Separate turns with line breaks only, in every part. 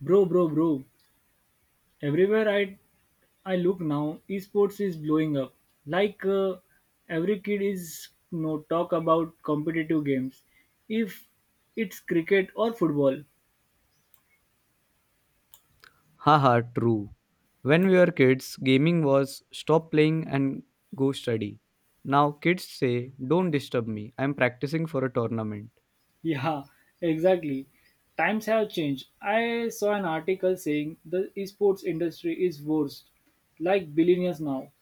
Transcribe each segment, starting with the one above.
Bro, bro, bro. Everywhere I look now, esports is blowing up. Like every kid is no talk about competitive games. If it's cricket or football.
Haha, true. When we were kids, gaming was stop playing and go study. Now kids say, don't disturb me, I'm practicing for a tournament.
Yeah, exactly. Times have changed. I saw an article saying the esports industry is worst, like billionaires now.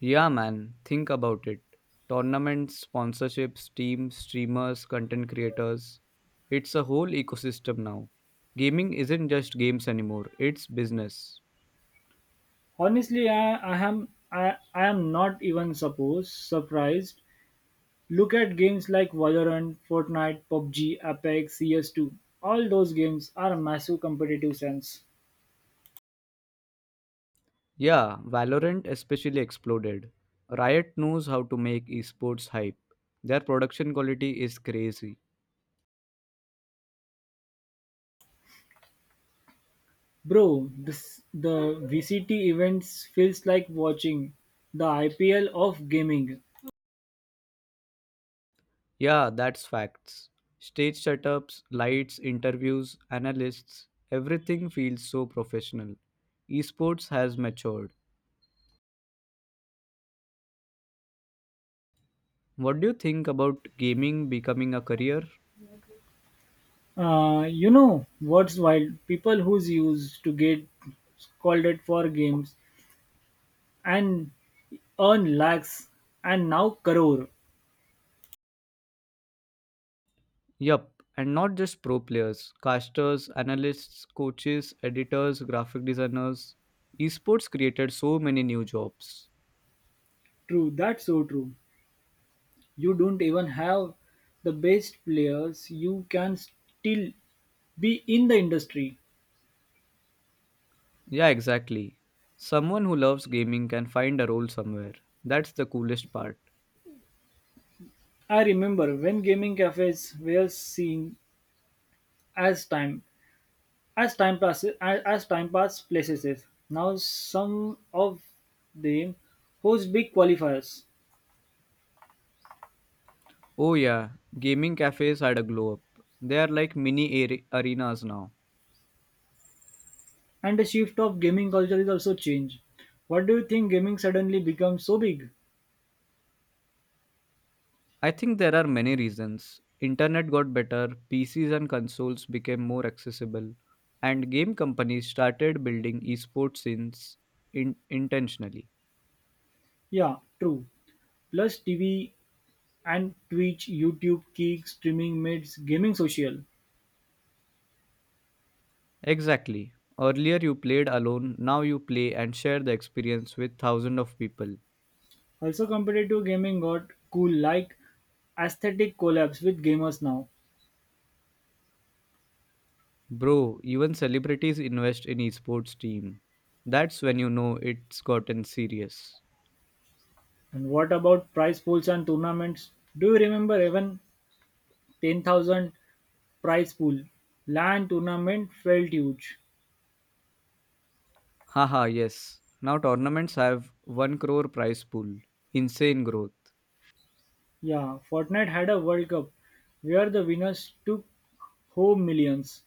Yeah, man, think about it. Tournaments, sponsorships, teams, streamers, content creators. It's a whole ecosystem now. Gaming isn't just games anymore, it's business.
Honestly, I am not even supposed surprised. Look at games like Valorant, Fortnite, PUBG, Apex, CS2. All those games are massive competitive sense.
Yeah, Valorant especially exploded. Riot knows how to make esports hype. Their production quality is crazy.
Bro, this the VCT events feels like watching the IPL of gaming.
Yeah, that's facts. Stage setups, lights, interviews, analysts, everything feels so professional. Esports has matured. What do you think about gaming becoming a career?
You know what's wild? People who's used to get scolded for games and earn lakhs and now crore.
Yup, and not just pro players, casters, analysts, coaches, editors, graphic designers. Esports created so many new jobs.
True, that's so true. You don't even have the best players. You can still be in the industry.
Yeah, exactly. Someone who loves gaming can find a role somewhere. That's the coolest part.
I remember when gaming cafes were seen as time as time passes as time pass places. Now some of them host big qualifiers,
Oh yeah, gaming cafes had a glow up. They are like mini arenas now.
and the shift of gaming culture is also changed. What do you think gaming suddenly becomes so big?
I think there are many reasons. Internet got better, PCs and consoles became more accessible, and game companies started building esports scenes intentionally.
Yeah, true. Plus TV and Twitch, YouTube, Kick, streaming mates, gaming social.
Exactly. Earlier you played alone, now you play and share the experience with thousands of people.
Also competitive gaming got cool like aesthetic collabs with gamers now.
Bro, even celebrities invest in esports team. That's when you know it's gotten serious.
And what about prize pools and tournaments? Do you remember even 10,000 prize pool? LAN tournament felt huge.
Haha, yes. Now tournaments have 1 crore prize pool. Insane growth.
Yeah, Fortnite had a World Cup where the winners took home millions.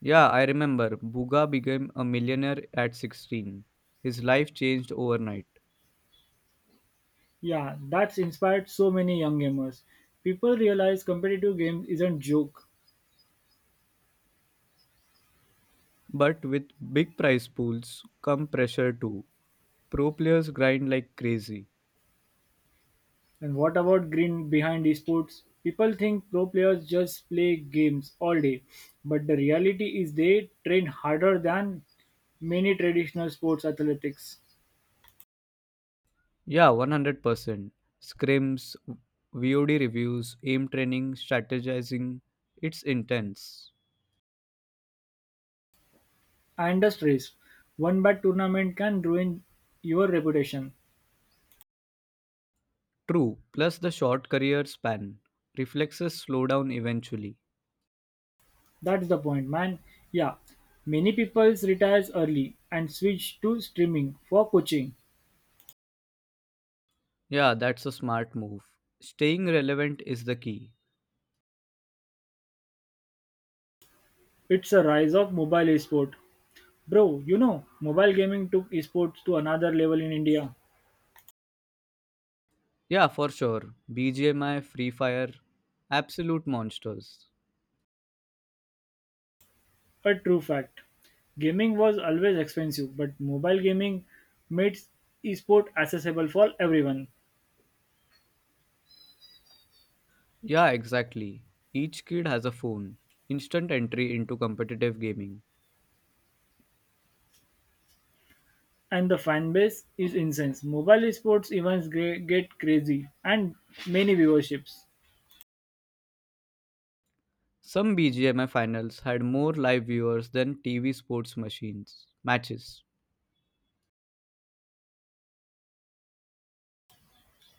Yeah, I remember. Buga became a millionaire at 16. His life changed overnight.
Yeah, that's inspired so many young gamers. People realize competitive games isn't joke.
But with big prize pools come pressure too. Pro players grind like crazy.
And what about green behind esports? People think pro players just play games all day, but the reality is they train harder than many traditional sports athletics.
Yeah, 100%. Scrims, VOD reviews, aim training, strategizing. It's intense.
Industries: one bad tournament can ruin your reputation.
True, plus the short career span. Reflexes slow down eventually.
That's the point, man. Yeah, many people retires early and switch to streaming for coaching.
Yeah, that's a smart move. Staying relevant is the key.
It's a rise of mobile esport. Bro, mobile gaming took esports to another level in India.
Yeah, for sure. BGMI, Free Fire, absolute monsters.
A true fact. Gaming was always expensive, but mobile gaming made esport accessible for everyone.
Yeah, exactly. Each kid has a phone. Instant entry into competitive gaming.
And the fan base is insane. Mobile esports events get crazy and many viewerships.
Some BGMI finals had more live viewers than TV sports machines matches.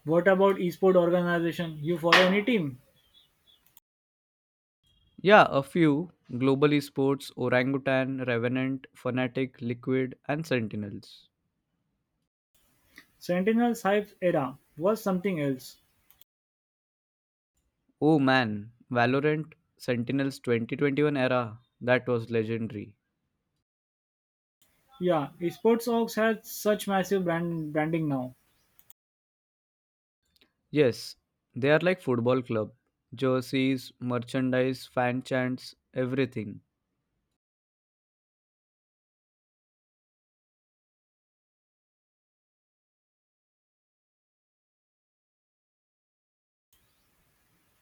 What about esport organization? You follow any team?
Yeah, a few Global Esports, Orangutan, Revenant, Fnatic, Liquid, and Sentinels.
Sentinel's hype era was something else.
Oh man, Valorant Sentinels 2021 era, that was legendary.
Yeah, esports orgs has such massive branding now.
Yes, they are like football club. Jerseys, merchandise, fan chants, everything.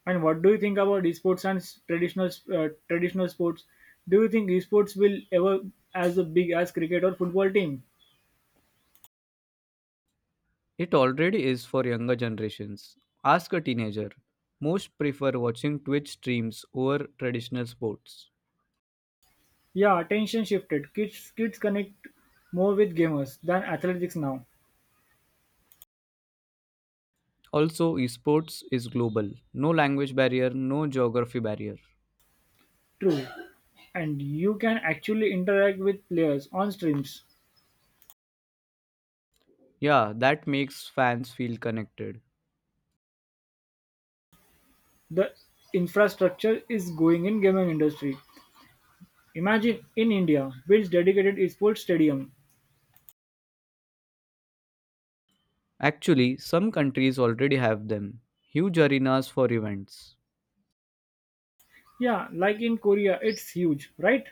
And what do you think about esports and traditional sports? Do you think esports will ever as a big as cricket or football team?
It already is for younger generations. Ask a teenager. Most prefer watching Twitch streams over traditional sports.
Yeah, attention shifted. Kids connect more with gamers than athletics now.
Also, esports is global. No language barrier, no geography barrier.
True, and you can actually interact with players on streams.
Yeah, that makes fans feel connected.
The infrastructure is going in gaming industry. Imagine in India builds dedicated esports stadium.
Actually, some countries already have them. Huge arenas for events.
Yeah, like in Korea, it's huge, right?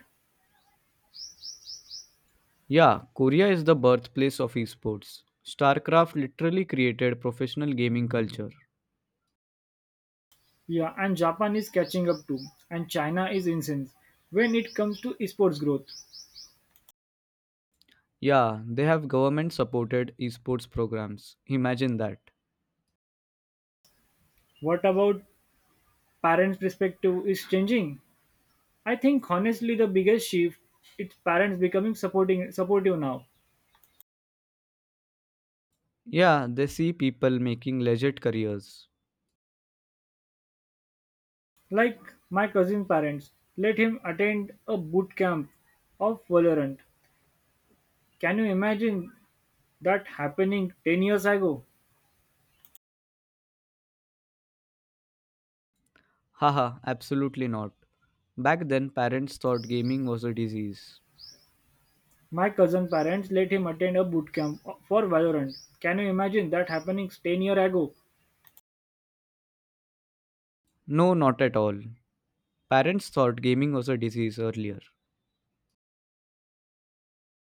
Yeah, Korea is the birthplace of esports. StarCraft literally created professional gaming culture.
Yeah, and Japan is catching up too, and China is insane when it comes to esports growth.
Yeah, they have government supported esports programs. Imagine that.
What about parents' perspective is changing? I think honestly the biggest shift is parents becoming supporting supportive now.
Yeah, they see people making legit careers.
Like my cousin's parents, let him attend a boot camp of Valorant. Can you imagine that happening 10 years ago?
Haha, absolutely not. Back then, parents thought gaming was a disease.
My cousin parents let him attend a boot camp for Valorant. Can you imagine that happening 10-year ago?
No, not at all. Parents thought gaming was a disease earlier.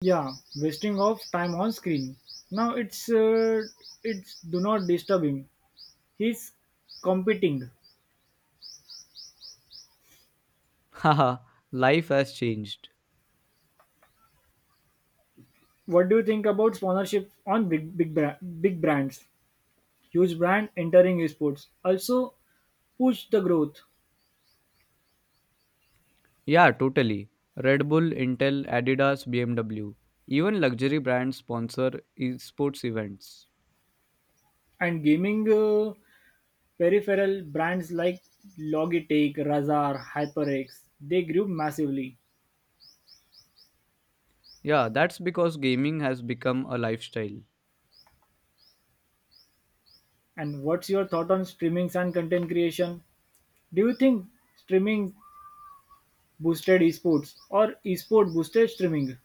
Yeah, wasting of time on screen. Now it's do not disturb him. He's competing.
Haha, life has changed.
What do you think about sponsorship on big brands? Huge brand entering esports also push the growth.
Yeah, totally. Red Bull, Intel, Adidas, BMW. Even luxury brands sponsor esports events.
And gaming peripheral brands like Logitech, Razer, HyperX, they grew massively.
Yeah, that's because gaming has become a lifestyle.
And what's your thought on streamings and content creation? Do you think streaming boosted esports or esport boosted streaming?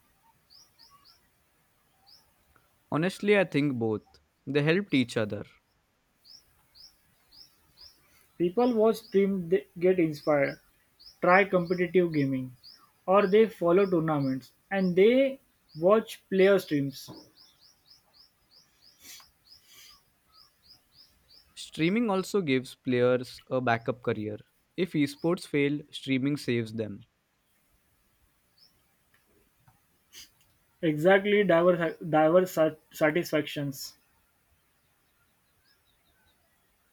Honestly, I think both. They helped each other.
People watch stream, they get inspired, try competitive gaming, or they follow tournaments and they watch player streams.
Streaming also gives players a backup career. If esports fail, streaming saves them.
Exactly, diverse satisfactions.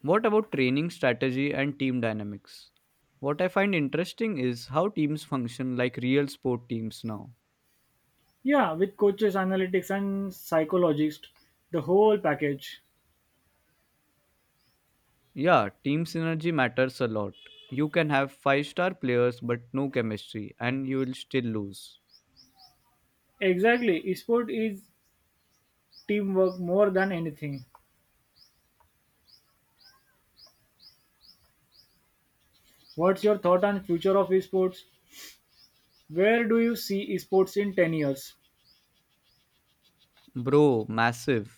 What about training strategy and team dynamics? What I find interesting is how teams function like real sport teams now.
Yeah, with coaches, analytics, and psychologists, the whole package.
Yeah, team synergy matters a lot. You can have five-star players but no chemistry and you will still lose.
Exactly, esport is teamwork more than anything. What's your thought on future of esports? Where do you see esports in 10 years?
Bro, massive.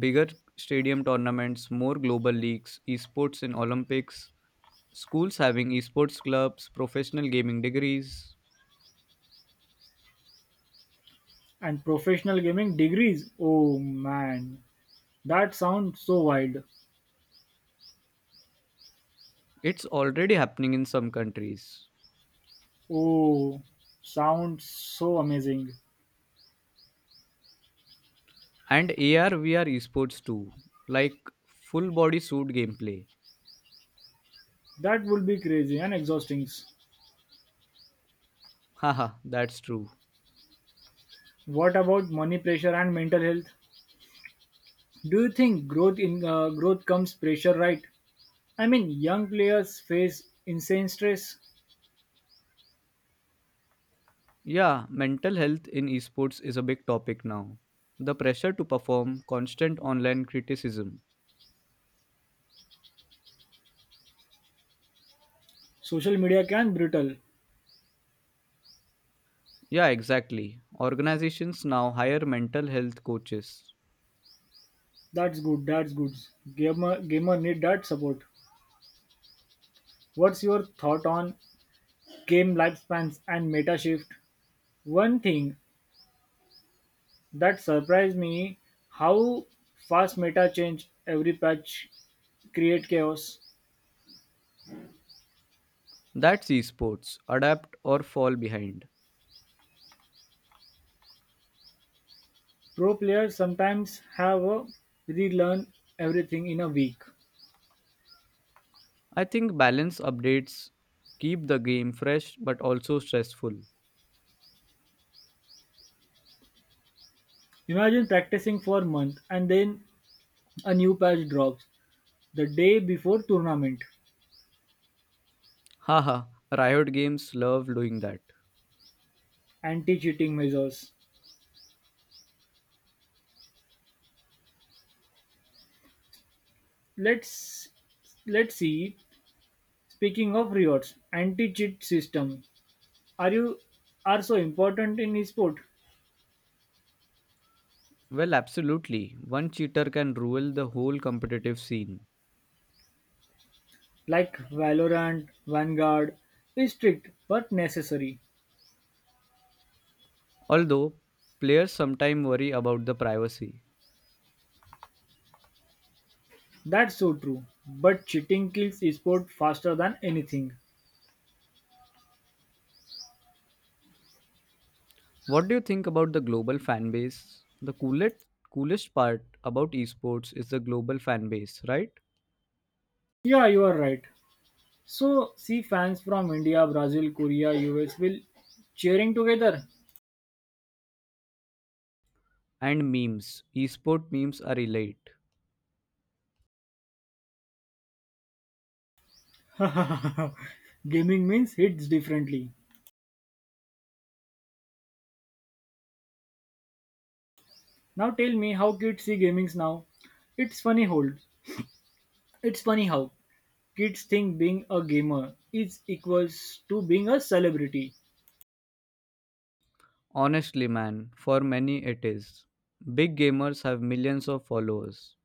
Bigger stadium tournaments, more global leagues, esports in Olympics, schools having esports clubs, professional gaming degrees.
And professional gaming degrees? Oh man, that sounds so wild.
It's already happening in some countries.
Oh, sounds so amazing.
And AR VR esports too, like full body suit gameplay.
That would be crazy and exhausting.
Haha, that's true.
What about money pressure and mental health? Do you think growth comes pressure, right? I mean, young players face insane stress.
Yeah, mental health in esports is a big topic now. The pressure to perform, constant online criticism.
Social media can brutal.
Yeah, exactly. Organizations now hire mental health coaches.
That's good. That's good. Gamer need that support. What's your thought on game lifespans and meta shift? One thing that surprised me how fast meta change every patch create chaos.
That's esports. Adapt or fall behind.
Pro players sometimes have a relearn everything in a week.
I think balance updates keep the game fresh but also stressful.
Imagine practicing for a month and then a new patch drops the day before tournament.
Haha, Riot Games love doing that.
Anti-cheating measures. Let's let's see. Speaking of rewards, anti-cheat system are you are so important in esport
Well, absolutely. One cheater can rule the whole competitive scene.
like Valorant, Vanguard is strict but necessary.
Although, players sometimes worry about the privacy.
That's so true. But cheating kills esport faster than anything.
What do you think about the global fan base? The coolest part about esports is the global fan base, right?
Yeah, you are right. So, see fans from India, Brazil, Korea, US will cheering together.
And memes. Esport memes are elite.
Gaming means hits differently. Now tell me how kids see gamings now. It's funny hold. It's funny how kids think being a gamer is equals to being a celebrity.
Honestly, man, for many it is. Big gamers have millions of followers.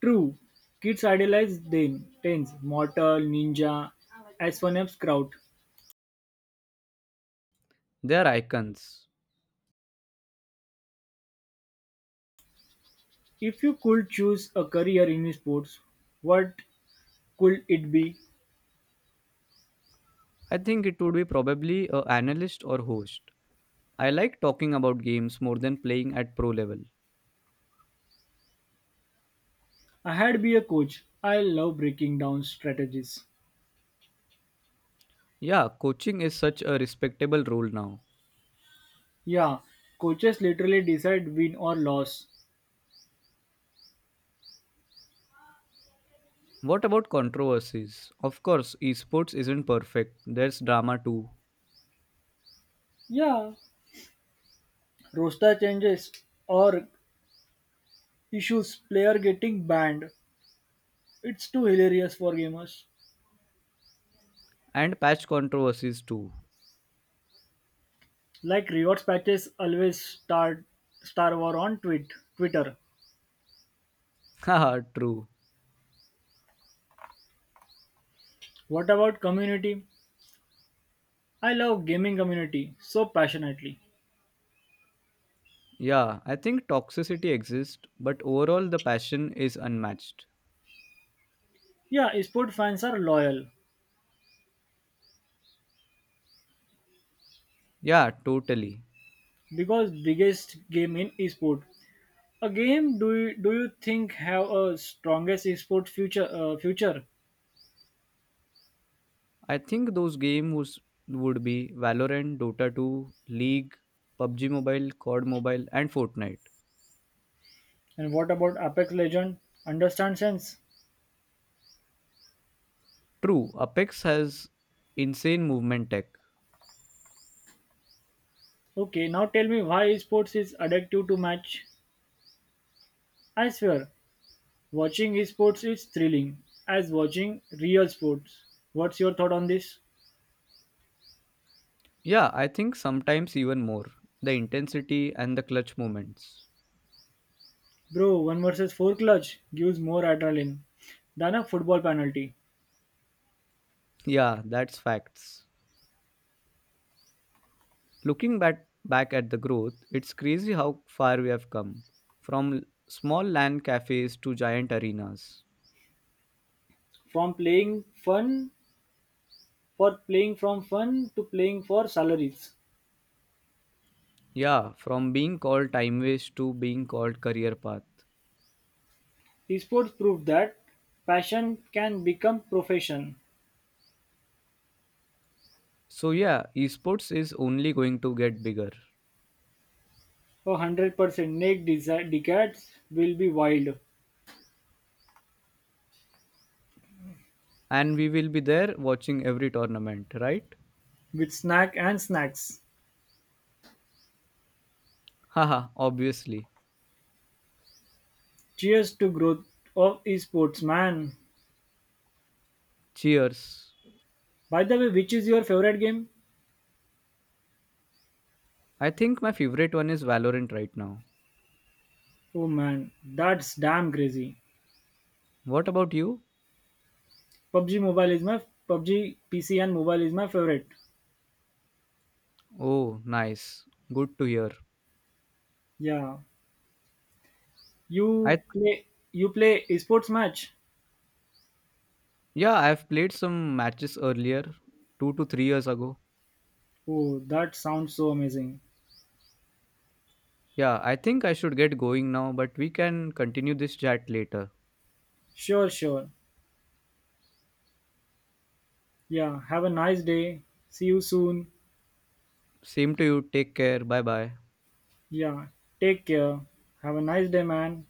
True. Kids idolize them tens, mortal, ninja, as one apps crowd.
They are icons.
If you could choose a career in sports, what could it be?
I think it would be probably a analyst or host. I like talking about games more than playing at pro level.
I had be a coach. I love breaking down strategies.
Yeah, coaching is such a respectable role now.
Yeah, coaches literally decide win or loss.
What about controversies? Of course, esports isn't perfect. There's drama too.
Yeah, roster changes or issues player getting banned. It's too hilarious for gamers.
And patch controversies too.
Like rewards patches always start Star War on tweet Twitter.
Haha, true.
What about community? I love gaming community so passionately.
Yeah, I think toxicity exists, but overall the passion is unmatched.
Yeah, esport fans are loyal
Yeah, totally.
because biggest game in esport. A game do you think have a strongest esport future?
I think those games would be Valorant, Dota 2, League, PUBG Mobile, COD Mobile, and Fortnite.
And what about Apex Legend? Understand sense?
True, Apex has insane movement tech.
Okay, now tell me why esports is addictive to match. I swear, watching esports is thrilling as watching real sports. What's your thought on this?
Yeah, I think sometimes even more. The intensity and the clutch moments.
Bro, 1 versus 4 clutch gives more adrenaline than a football penalty.
Yeah, that's facts. Looking back at the growth, it's crazy how far we have come from small land cafes to giant arenas.
From playing fun for Playing from fun to playing for salaries.
Yeah, from being called time waste to being called career path.
Esports prove that passion can become profession.
So yeah, esports is only going to get bigger
100% next decades will be wild
and we will be there watching every tournament, right?
with snack and snacks.
Haha, obviously.
Cheers to growth of esports man.
Cheers.
By the way, which is your favorite game?
I think my favorite one is Valorant right now.
Oh man, that's damn crazy.
What about you?
PUBG Mobile is my PUBG PC and mobile is my favorite.
Oh, nice. Good to hear.
Yeah.
I
You play you play esports match?
Yeah, I've played some matches earlier, 2 to 3 years ago.
Oh, that sounds so amazing.
Yeah, I think I should get going now, but we can continue this chat later.
Sure, sure. Yeah, have a nice day. See you soon.
Same to you. Take care. Bye bye.
Yeah, take care. Have a nice day, man.